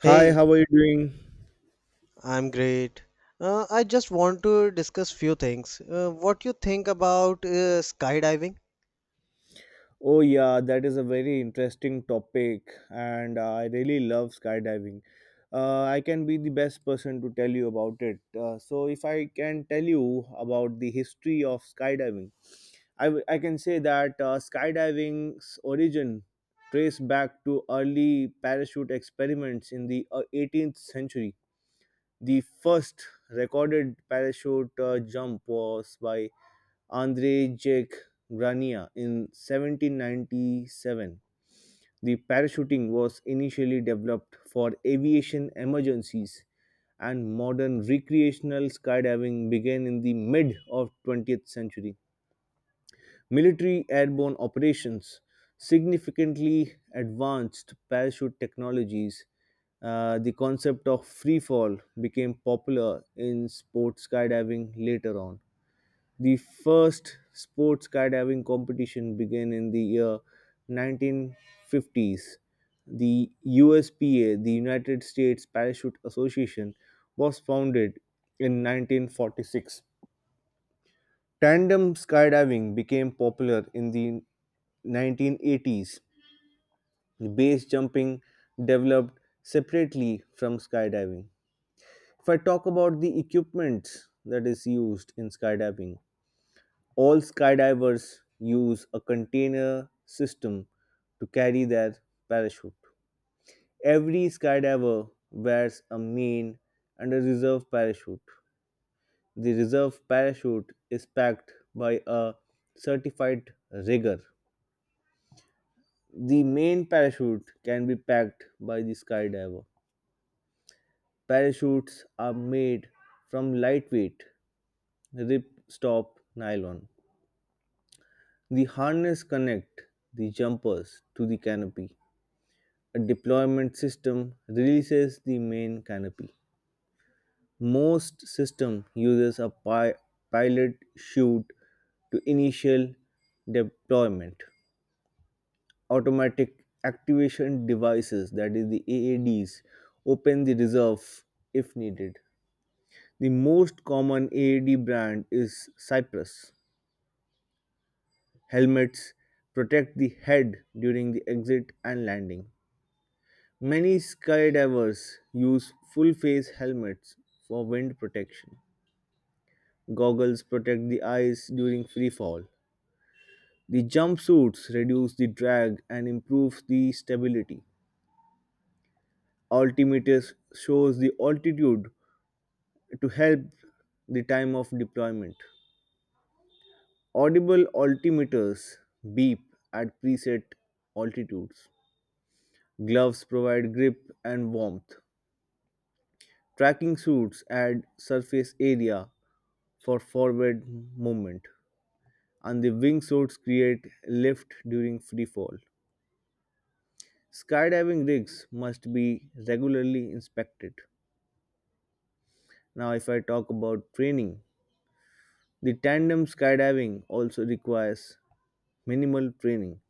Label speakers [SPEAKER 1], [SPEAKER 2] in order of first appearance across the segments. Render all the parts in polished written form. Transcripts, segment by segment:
[SPEAKER 1] Hi,
[SPEAKER 2] Hey,
[SPEAKER 1] how are you doing?
[SPEAKER 2] I'm great. I just want to discuss few things. What you think about skydiving?
[SPEAKER 1] Oh, yeah, that is a very interesting topic, and I really love skydiving. I can be the best person to tell you about it. If I can tell you about the history of skydiving, I can say that skydiving's origin trace back to early parachute experiments in the 18th century. The first recorded parachute jump was by Andrei Jacques Grania in 1797. The parachuting was initially developed for aviation emergencies, and modern recreational skydiving began in the mid of 20th century. Military airborne operations significantly advanced parachute technologies. The concept of free fall became popular in sports skydiving later on. The first sports skydiving competition began in the year 1950s. The USPA, the United States Parachute Association, was founded in 1946. Tandem skydiving became popular in the 1980s. Base jumping developed separately from skydiving. If I talk about the equipment that is used in skydiving, all skydivers use a container system to carry their parachute. Every skydiver wears a main and a reserve parachute. The reserve parachute is packed by a certified rigger. The main parachute can be packed by the skydiver. Parachutes are made from lightweight ripstop nylon. The harness connect the jumpers to the canopy. A deployment system releases the main canopy. Most system uses a pilot chute to initial deployment. Automatic activation devices, that is the AADs, open the reserve if needed. The most common AAD brand is Cypress. Helmets protect the head during the exit and landing. Many skydivers use full face helmets for wind protection. Goggles protect the eyes during free fall. The jumpsuits reduce the drag and improve the stability. Altimeter shows the altitude to help the time of deployment. Audible altimeters beep at preset altitudes. Gloves provide grip and warmth. Tracking suits add surface area for forward movement, and the wing suits create lift during free fall. Skydiving rigs must be regularly inspected. Now, if I talk about training, the tandem skydiving also requires minimal training.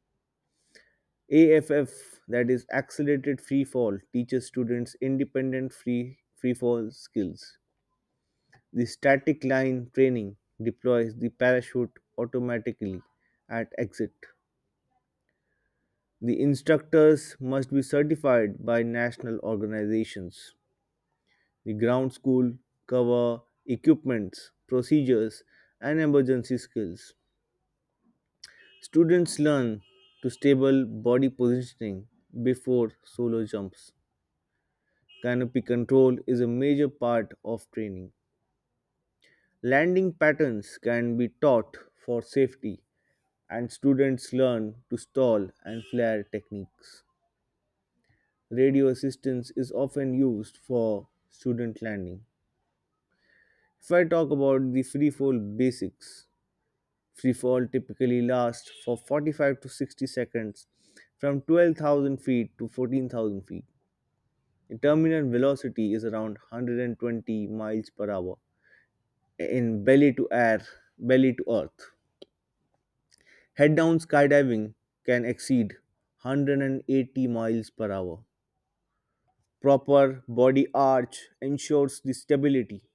[SPEAKER 1] AFF, that is accelerated free fall, teaches students independent free fall skills. The static line training deploys the parachute automatically at exit. The instructors must be certified by national organizations. The ground school cover equipments, procedures, and emergency skills. Students learn to stable body positioning before solo jumps. Canopy control is a major part of training. Landing patterns can be taught for safety and students learn to stall and flare techniques. Radio assistance is often used for student landing. If I talk about the free fall basics, free fall typically lasts for 45 to 60 seconds from 12,000 feet to 14,000 feet. The terminal velocity is around 120 miles per hour in belly to air, belly to earth. Head down skydiving can exceed 180 miles per hour. Proper body arch ensures the stability,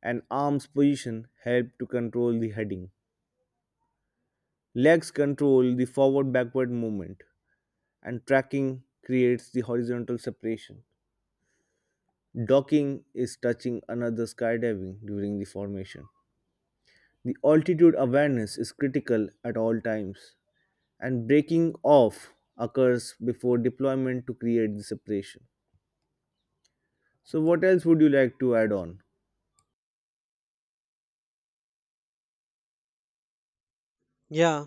[SPEAKER 1] and arms position help to control the heading. Legs control the forward backward movement, and tracking creates the horizontal separation. Docking is touching another skydiving during the formation. The altitude awareness is critical at all times, and breaking off occurs before deployment to create the separation. So, what else would you like to add on?
[SPEAKER 2] Yeah,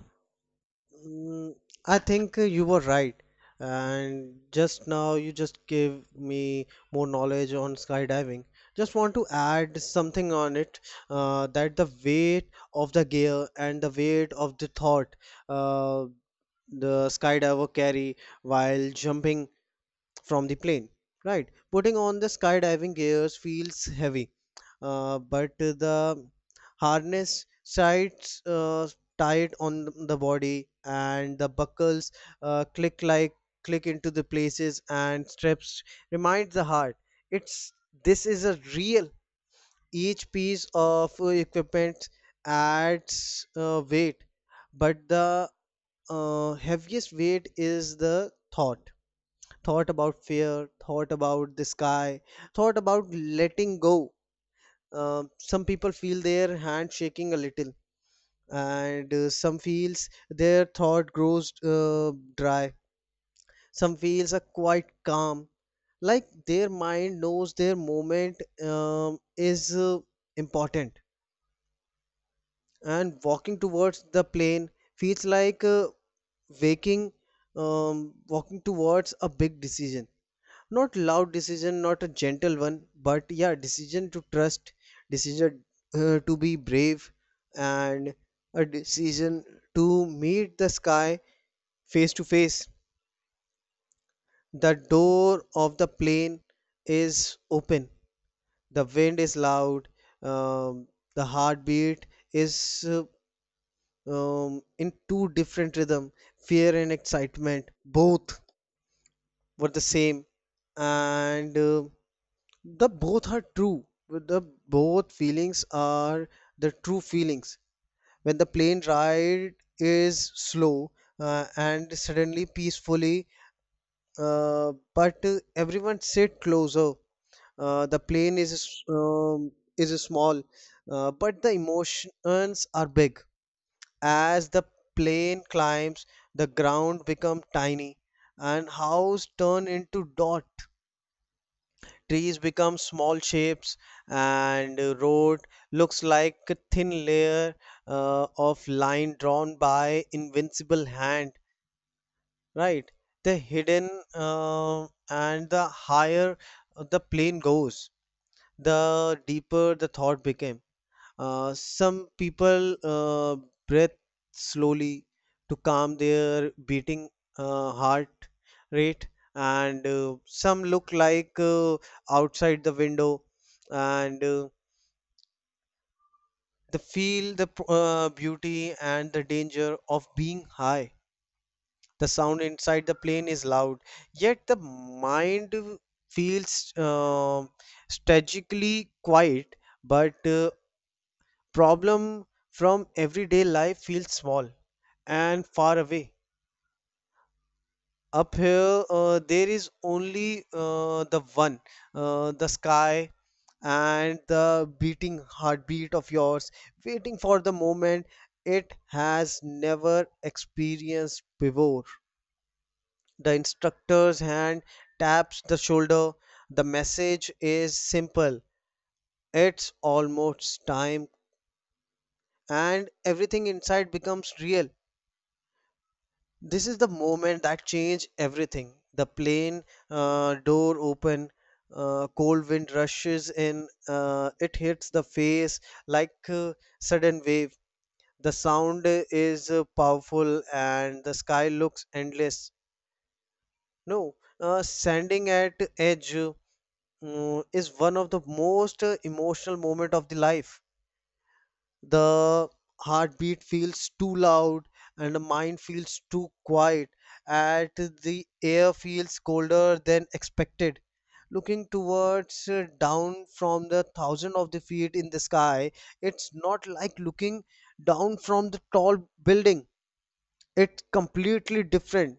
[SPEAKER 2] mm, I think you were right. And just now you just gave me more knowledge on skydiving. Just want to add something on it that the weight of the gear and the weight of the thought uh, the skydiver carry while jumping from the plane, right? Putting on the skydiving gears feels heavy, but the harness sides tight on the body and the buckles click like click into the places and straps remind the heart it's this is a real each piece of equipment adds weight but the heaviest weight is the thought about fear, thought about the sky, thought about letting go. Some people feel their hand shaking a little, and some feels their thought grows dry. Some feels are quite calm, like their mind knows their moment um, is important. And walking towards the plane feels like waking, walking towards a big decision, not loud decision, not a gentle one, but yeah, decision to trust, decision to be brave, and a decision to meet the sky face to face. The door of the plane is open, the wind is loud, um, the heartbeat is in two different rhythm. Fear and excitement both were the same, and the both are true. The both feelings are the true feelings. When the plane ride is slow and suddenly peacefully, but everyone sit closer. The plane um, is small, but the emotions are big. As the plane climbs, the ground become tiny, and house turn into dot. Trees become small shapes, and road looks like a thin layer of line drawn by invincible hand, right? The hidden and the higher the plane goes, the deeper the thought became. Some people breathe slowly to calm their beating heart rate, and some look like outside the window, and they feel the beauty and the danger of being high. The sound inside the plane is loud, yet the mind feels strategically quiet, but problem from everyday life feels small and far away. Up here, there is only the one, the sky, and the beating heartbeat of yours, waiting for the moment it has never experienced before. The instructor's hand taps the shoulder. The message is simple, it's almost time, and everything inside becomes real. This is the moment that changed everything. The plane door open, cold wind rushes in, it hits the face like a sudden wave. The sound is powerful and the sky looks endless. No, standing at edge is one of the most emotional moment of the life. The heartbeat feels too loud, and the mind feels too quiet, and the air feels colder than expected. Looking towards down from the thousand of the feet in the sky, it's not like looking down from the tall building, it's completely different,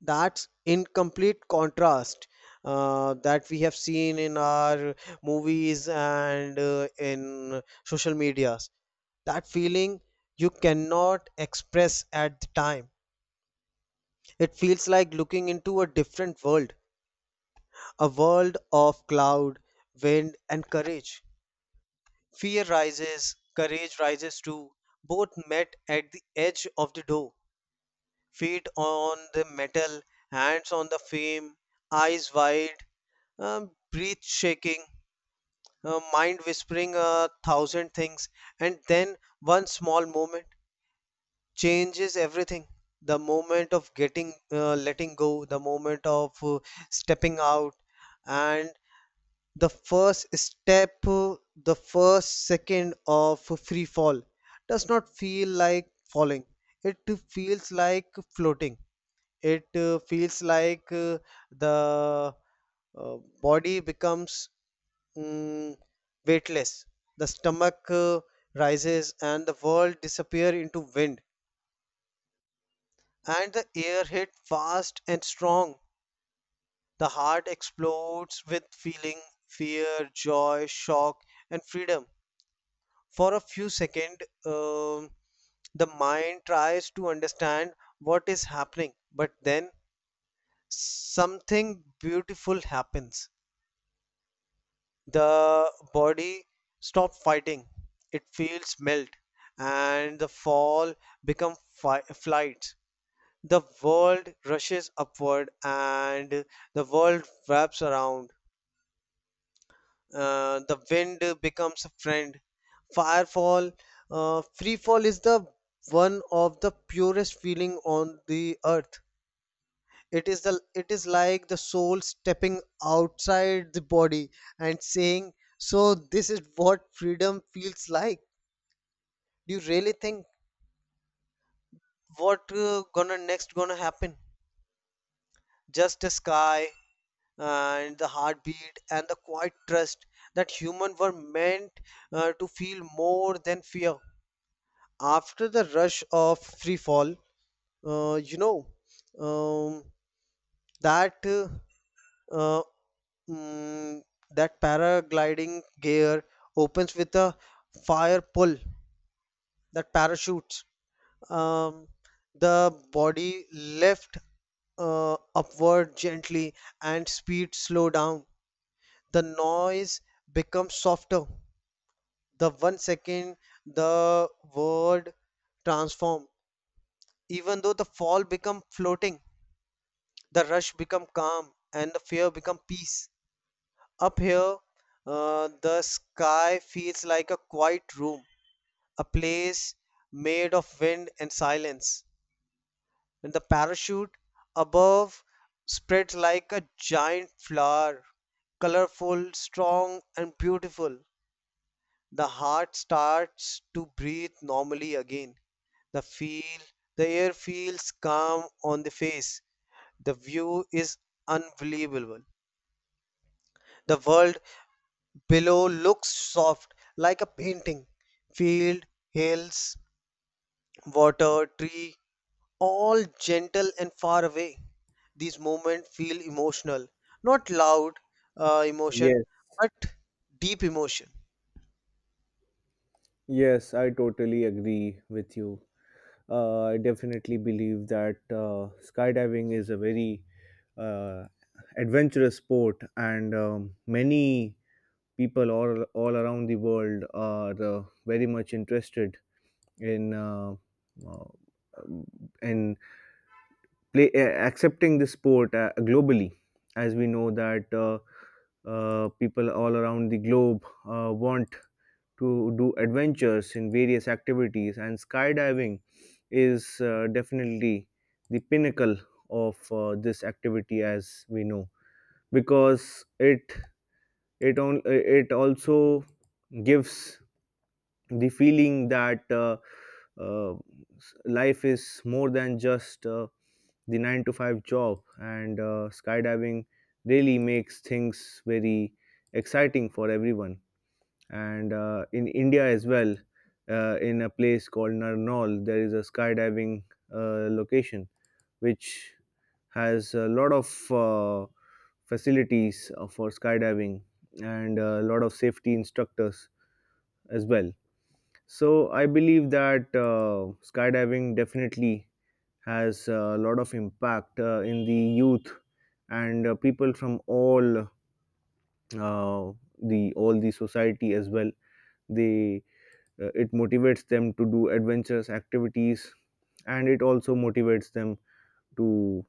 [SPEAKER 2] that's in complete contrast that we have seen in our movies and in social medias. That feeling you cannot express at the time. It feels like looking into a different world, a world of cloud, wind, and courage. Fear rises, courage rises too. Both met at the edge of the door, feet on the metal, hands on the frame, eyes wide, breath shaking, mind whispering a thousand things, and then one small moment changes everything. The moment of getting letting go, the moment of stepping out. And the first step, the first second of free fall does not feel like falling, it feels like floating. It feels like the uh, body becomes mm, weightless. The stomach rises and the world disappear into wind, and the air hit fast and strong. The heart explodes with feeling, fear, joy, shock, and freedom. For a few seconds, um, the mind tries to understand what is happening, but then something beautiful happens. The body stops fighting, it feels melt, and the fall become flight. The world rushes upward, and the world wraps around. The wind becomes a friend. Firefall Freefall is the one of the purest feeling on the earth. It is like the soul stepping outside the body and saying, so this is what freedom feels like. Do you really think what gonna next gonna happen? Just a sky, and the heartbeat, and the quiet trust that humans were meant to feel more than fear. After the rush of free fall, uh, you know um, that uh, uh, mm, that paragliding gear opens with a fire pull that parachutes. Um, the body left upward gently, and speed slow down, the noise becomes softer, the one second the word transform, even though the fall become floating, the rush become calm, and the fear become peace. Up here, the sky feels like a quiet room, a place made of wind and silence, and the parachute above spreads like a giant flower, colorful, strong, and beautiful. The heart starts to breathe normally again. The feel the air feels calm on the face. The view is unbelievable. The world below looks soft like a painting. Field, hills, water, tree, all gentle and far away. These moments feel emotional, not loud emotion,
[SPEAKER 1] Yes,
[SPEAKER 2] but deep emotion.
[SPEAKER 1] yes, I totally agree with you. I definitely believe that skydiving is a very uh, adventurous sport, and many people all around the world are very much interested in uh, uh, in play, uh, accepting the sport globally. As we know that people all around the globe want to do adventures in various activities, and skydiving is definitely the pinnacle of this activity as we know because it also gives the feeling that uh, life is more than just the 9 to 5 job and skydiving really makes things very exciting for everyone and in India as well, in a place called Narnaul, there is a skydiving location which has a lot of facilities for skydiving and a lot of safety instructors as well. So I believe that skydiving definitely has a lot of impact in the youth and people from uh, all the society as well. They It motivates them to do adventurous activities and it also motivates them to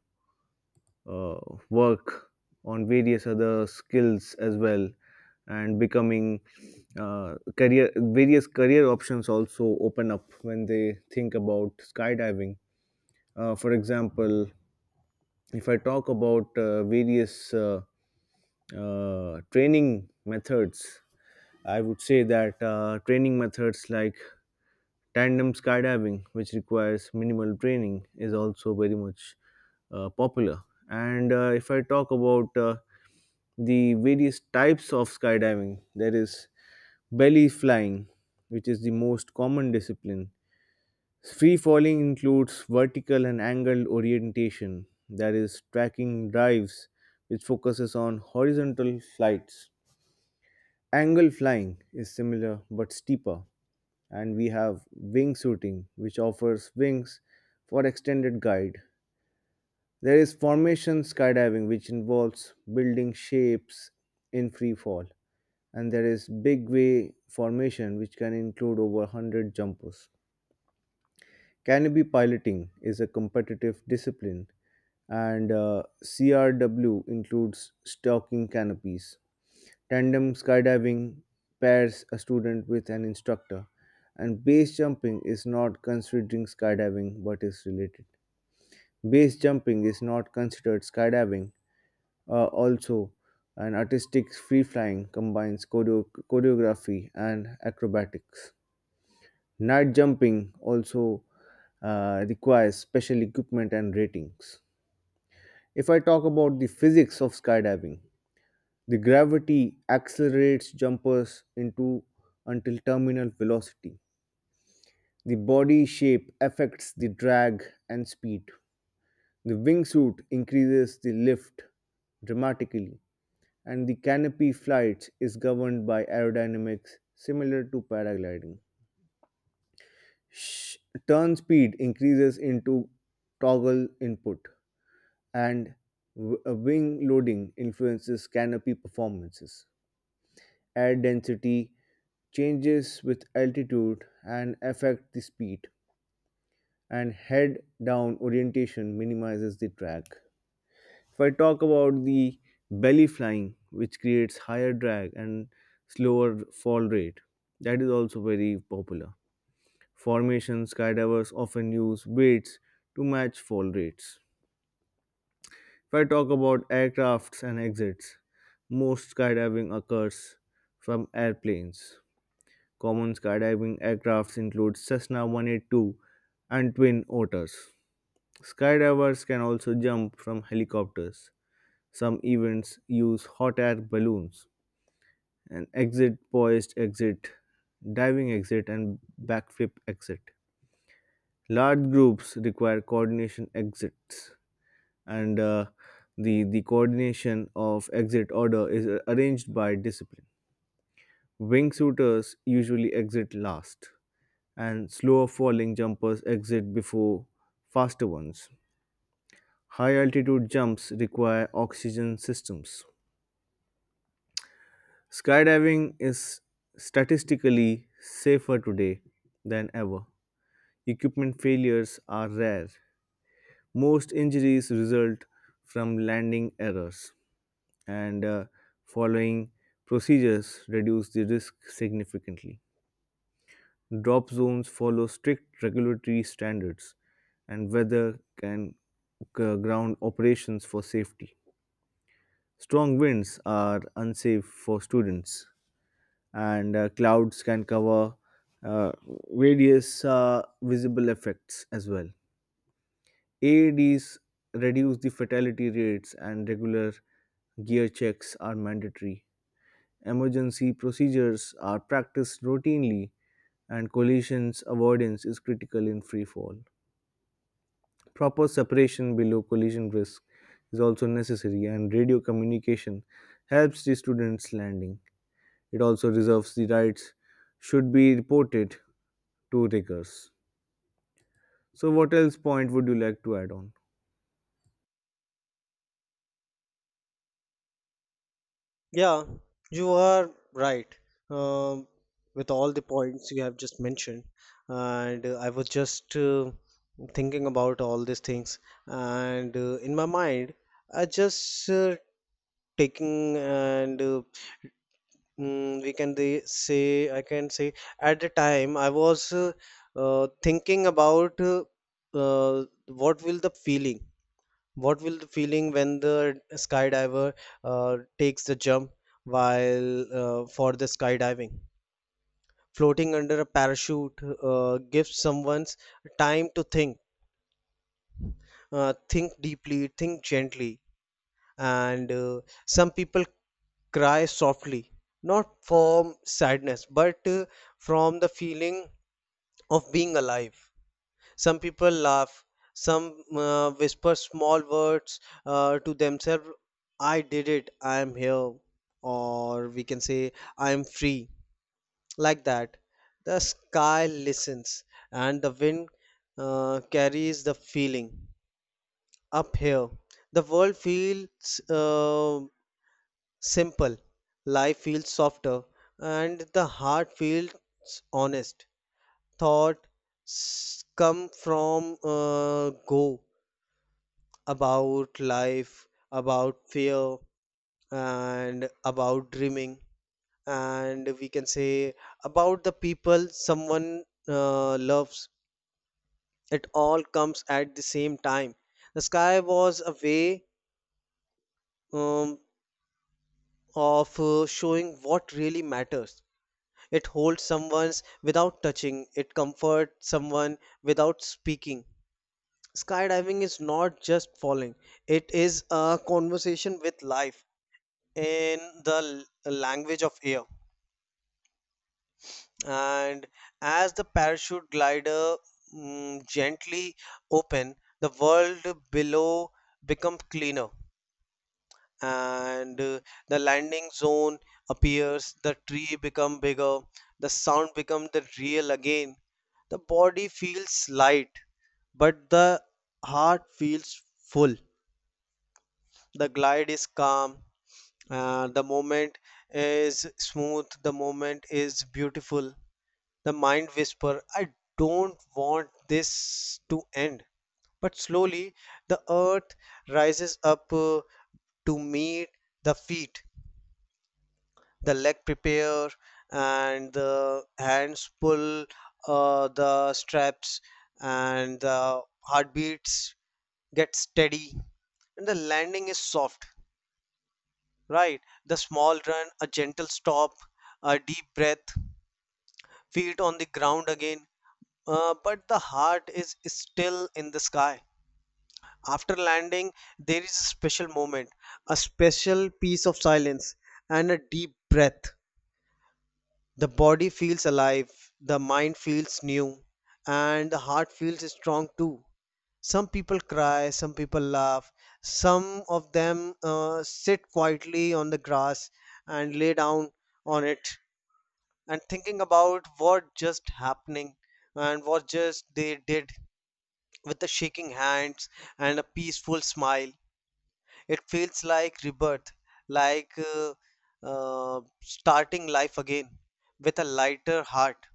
[SPEAKER 1] uh, work on various other skills as well and becoming career various career options also open up when they think about skydiving, for example if I talk about various training methods I would say that training methods like tandem skydiving, which requires minimal training, is also very much popular. And if I talk about the various types of skydiving, there is belly flying, which is the most common discipline. Free falling includes vertical and angled orientation, that is, tracking dives, which focuses on horizontal flights. Angle flying is similar but steeper, and we have wingsuiting, which offers wings for extended guide. There is formation skydiving, which involves building shapes in free fall, and there is big way formation, which can include over 100 jumpers. Canopy piloting is a competitive discipline, and CRW includes stocking canopies. Tandem skydiving pairs a student with an instructor, and base jumping is not considering skydiving but is related. Base jumping is not considered skydiving. Also, an artistic free flying combines choreography and acrobatics. Night jumping also requires special equipment and ratings. If I talk about the physics of skydiving, the gravity accelerates jumpers into until terminal velocity. The body shape affects the drag and speed. The wingsuit increases the lift dramatically, and the canopy flight is governed by aerodynamics similar to paragliding. sh- Turn speed increases into toggle input and wing loading influences canopy performances. Air density changes with altitude and affect the speed, and head down orientation minimizes the drag. If I talk about the belly flying, which creates higher drag and slower fall rate, that is also very popular. Formation, skydivers often use weights to match fall rates. If I talk about aircrafts and exits, most skydiving occurs from airplanes. Common skydiving aircrafts include Cessna 182 and Twin Otters. Skydivers can also jump from helicopters. Some events use hot air balloons, an exit, poised exit, diving exit, and backflip exit. Large groups require coordination exits and the coordination of exit order is arranged by discipline. Wingsuiters usually exit last and slower falling jumpers exit before faster ones. High altitude jumps require oxygen systems. Skydiving is statistically safer today than ever. Equipment failures are rare. Most injuries result from landing errors, and following procedures reduce the risk significantly. Drop zones follow strict regulatory standards, and weather can ground operations for safety. Strong winds are unsafe for students, and clouds can cover uh, various visible effects as well. AADs reduce the fatality rates and regular gear checks are mandatory. Emergency procedures are practiced routinely and collisions avoidance is critical in free fall. Proper separation below collision risk is also necessary and radio communication helps the students landing. It also reserves the rights should be reported to riggers. So what else point would you like to add on?
[SPEAKER 2] Yeah, you are right, um, with all the points you have just mentioned, and I was just thinking about all these things, and in my mind, I just taking and we can the say, I can say at the time I was thinking about what will the feeling, what will the feeling when the skydiver takes the jump while for the skydiving? Floating under a parachute gives someone time to think deeply, think gently. And some people cry softly, not from sadness, but from the feeling of being alive. Some people laugh, some whisper small words to themselves, I did it, I am here, or we can say, I am free, like that. The sky listens, and the wind carries the feeling up here. The world feels uh, simple, life feels softer, and the heart feels honest. Thought come from go about life, about fear, and about dreaming. And we can say about the people someone loves. It all comes at the same time. The sky was a way um, of showing what really matters. It holds someone's without touching, it comforts someone without speaking. Skydiving is not just falling, it is a conversation with life in the language of air. And as the parachute glider gently open, the world below becomes cleaner, and the landing zone appears. The tree become bigger. The sound become the real again. The body feels light, but the heart feels full. The glide is calm, the moment is smooth, the moment is beautiful. The mind whisper, I don't want this to end. But slowly the earth rises up to meet the feet. The leg prepare, and the hands pull the straps, and the heartbeats get steady, and the landing is soft, right? The small run, a gentle stop, a deep breath, feet on the ground again. But the heart is still in the sky. After landing, there is a special moment, a special piece of silence, and a deep breath. The body feels alive, the mind feels new, and the heart feels strong too. Some people cry, some people laugh, some of them sit quietly on the grass and lay down on it and thinking about what just happening and what just they did, with the shaking hands and a peaceful smile. It feels like rebirth, like uh, starting life again with a lighter heart.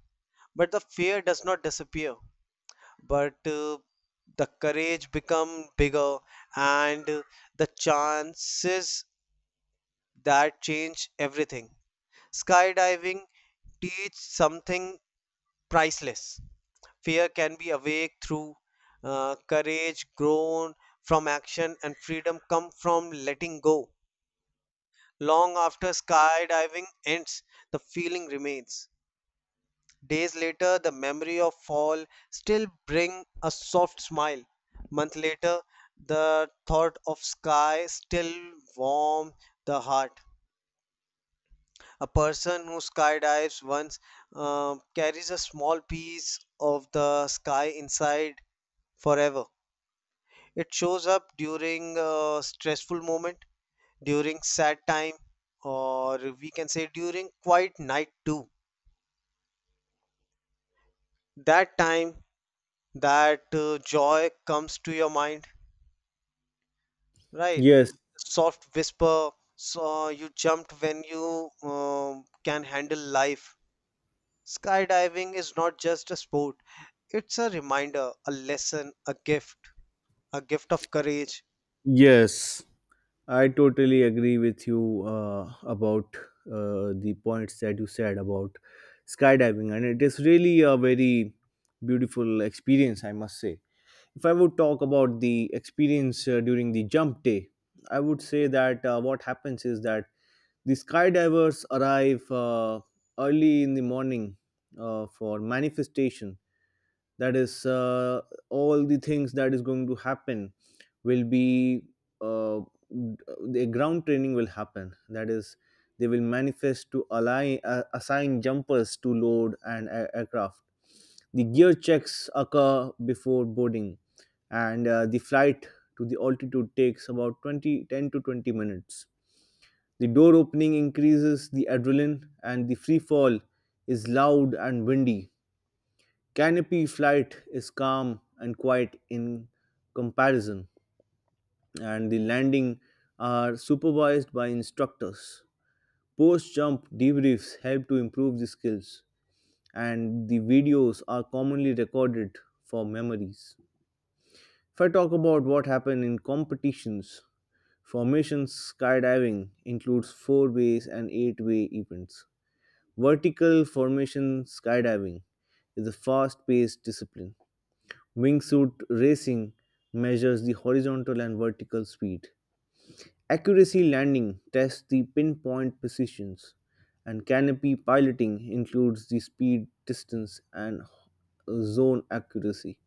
[SPEAKER 2] But the fear does not disappear, but the courage become bigger, and the chances that change everything. Skydiving teach something priceless. Fear can be awake through courage grown from action, and freedom come from letting go. Long after skydiving ends, the feeling remains. Days later, the memory of fall still bring a soft smile. Month later, the thought of sky still warm the heart. A person who skydives once carries a small piece of the sky inside forever. It shows up during a stressful moment, during sad time, or we can say during quiet night too. That time, that joy comes to your mind, right?
[SPEAKER 1] Yes,
[SPEAKER 2] Soft whisper, so you jumped when you can handle life. Skydiving is not just a sport, it's a reminder, a lesson, a gift of courage.
[SPEAKER 1] yes. I totally agree with you about the points that you said about skydiving, and it is really a very beautiful experience, I must say. If I would talk about the experience during the jump day, I would say that what happens is that the skydivers arrive early in the morning for manifestation, that is, all the things that is going to happen will be uh, the ground training will happen, that is, they will manifest to assign jumpers to load and aircraft. The gear checks occur before boarding, and the flight to the altitude takes about 20 10 to 20 minutes. The door opening increases the adrenaline and the free fall is loud and windy. Canopy flight is calm and quiet in comparison, and the landing are supervised by instructors. Post jump debriefs help to improve the skills, and the videos are commonly recorded for memories. If I talk about what happened in competitions, formation skydiving includes four ways and eight-way events. Vertical formation skydiving is a fast paced discipline. Wingsuit racing measures the horizontal and vertical speed. Accuracy landing tests the pinpoint precisions, and canopy piloting includes the speed, distance, and zone accuracy.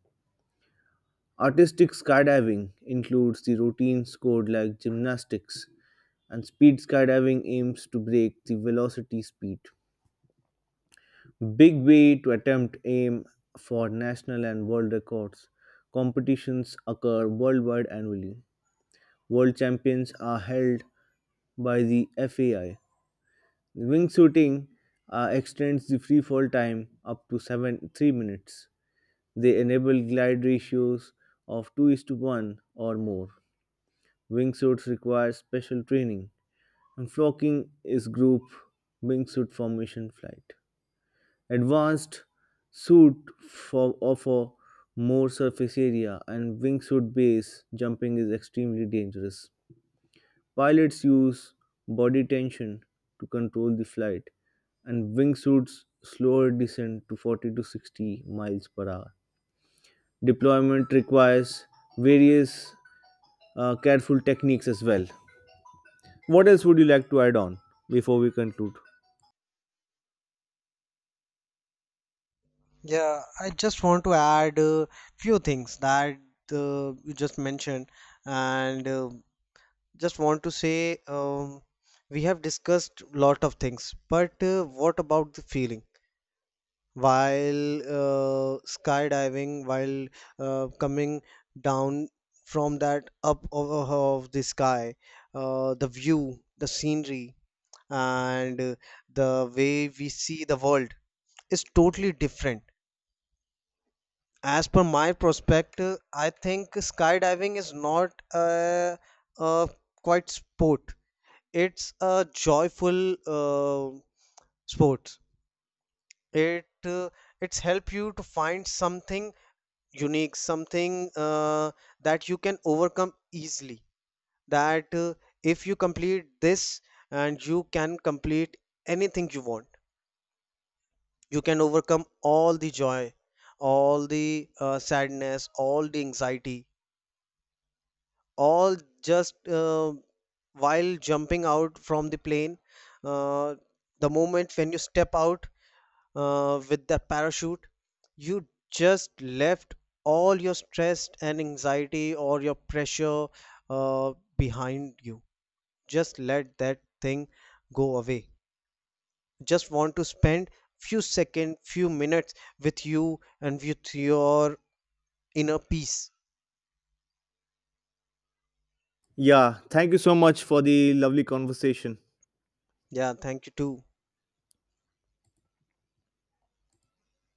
[SPEAKER 1] Artistic skydiving includes the routine scored like gymnastics, and speed skydiving aims to break the velocity speed. Big way to attempt aim for national and world records. Competitions occur worldwide annually. World champions are held by the FAI. Wingsuiting extends the freefall time up to seven three minutes. They enable glide ratios of two is to one or more. Wingsuits require special training, and flocking is group wingsuit formation flight. Advanced suit for offer more surface area, and wingsuit base jumping is extremely dangerous. Pilots use body tension to control the flight, and wingsuits slower descent to 40 to 60 miles per hour. Deployment requires various careful techniques as well. What else would you like to add on before we conclude?
[SPEAKER 2] Yeah, I just want to add a few things that you just mentioned, and just want to say, we have discussed lot of things, but what about the feeling while skydiving, while coming down from that up of the sky, the view, the scenery, and the way we see the world is totally different. As per my perspective, I think skydiving is not a, a quite sport. It's a joyful sport. It uh, it's help you to find something unique, something that you can overcome easily. That if you complete this, and you can complete anything you want. You can overcome all the joy, all the sadness, all the anxiety, all just while jumping out from the plane, uh, the moment when you step out with the parachute, you just left all your stress and anxiety or your pressure behind you, just let that thing go away. Just want to spend few seconds, few minutes with you and with your inner peace.
[SPEAKER 1] Yeah, thank you so much for the lovely conversation.
[SPEAKER 2] Yeah, thank you too.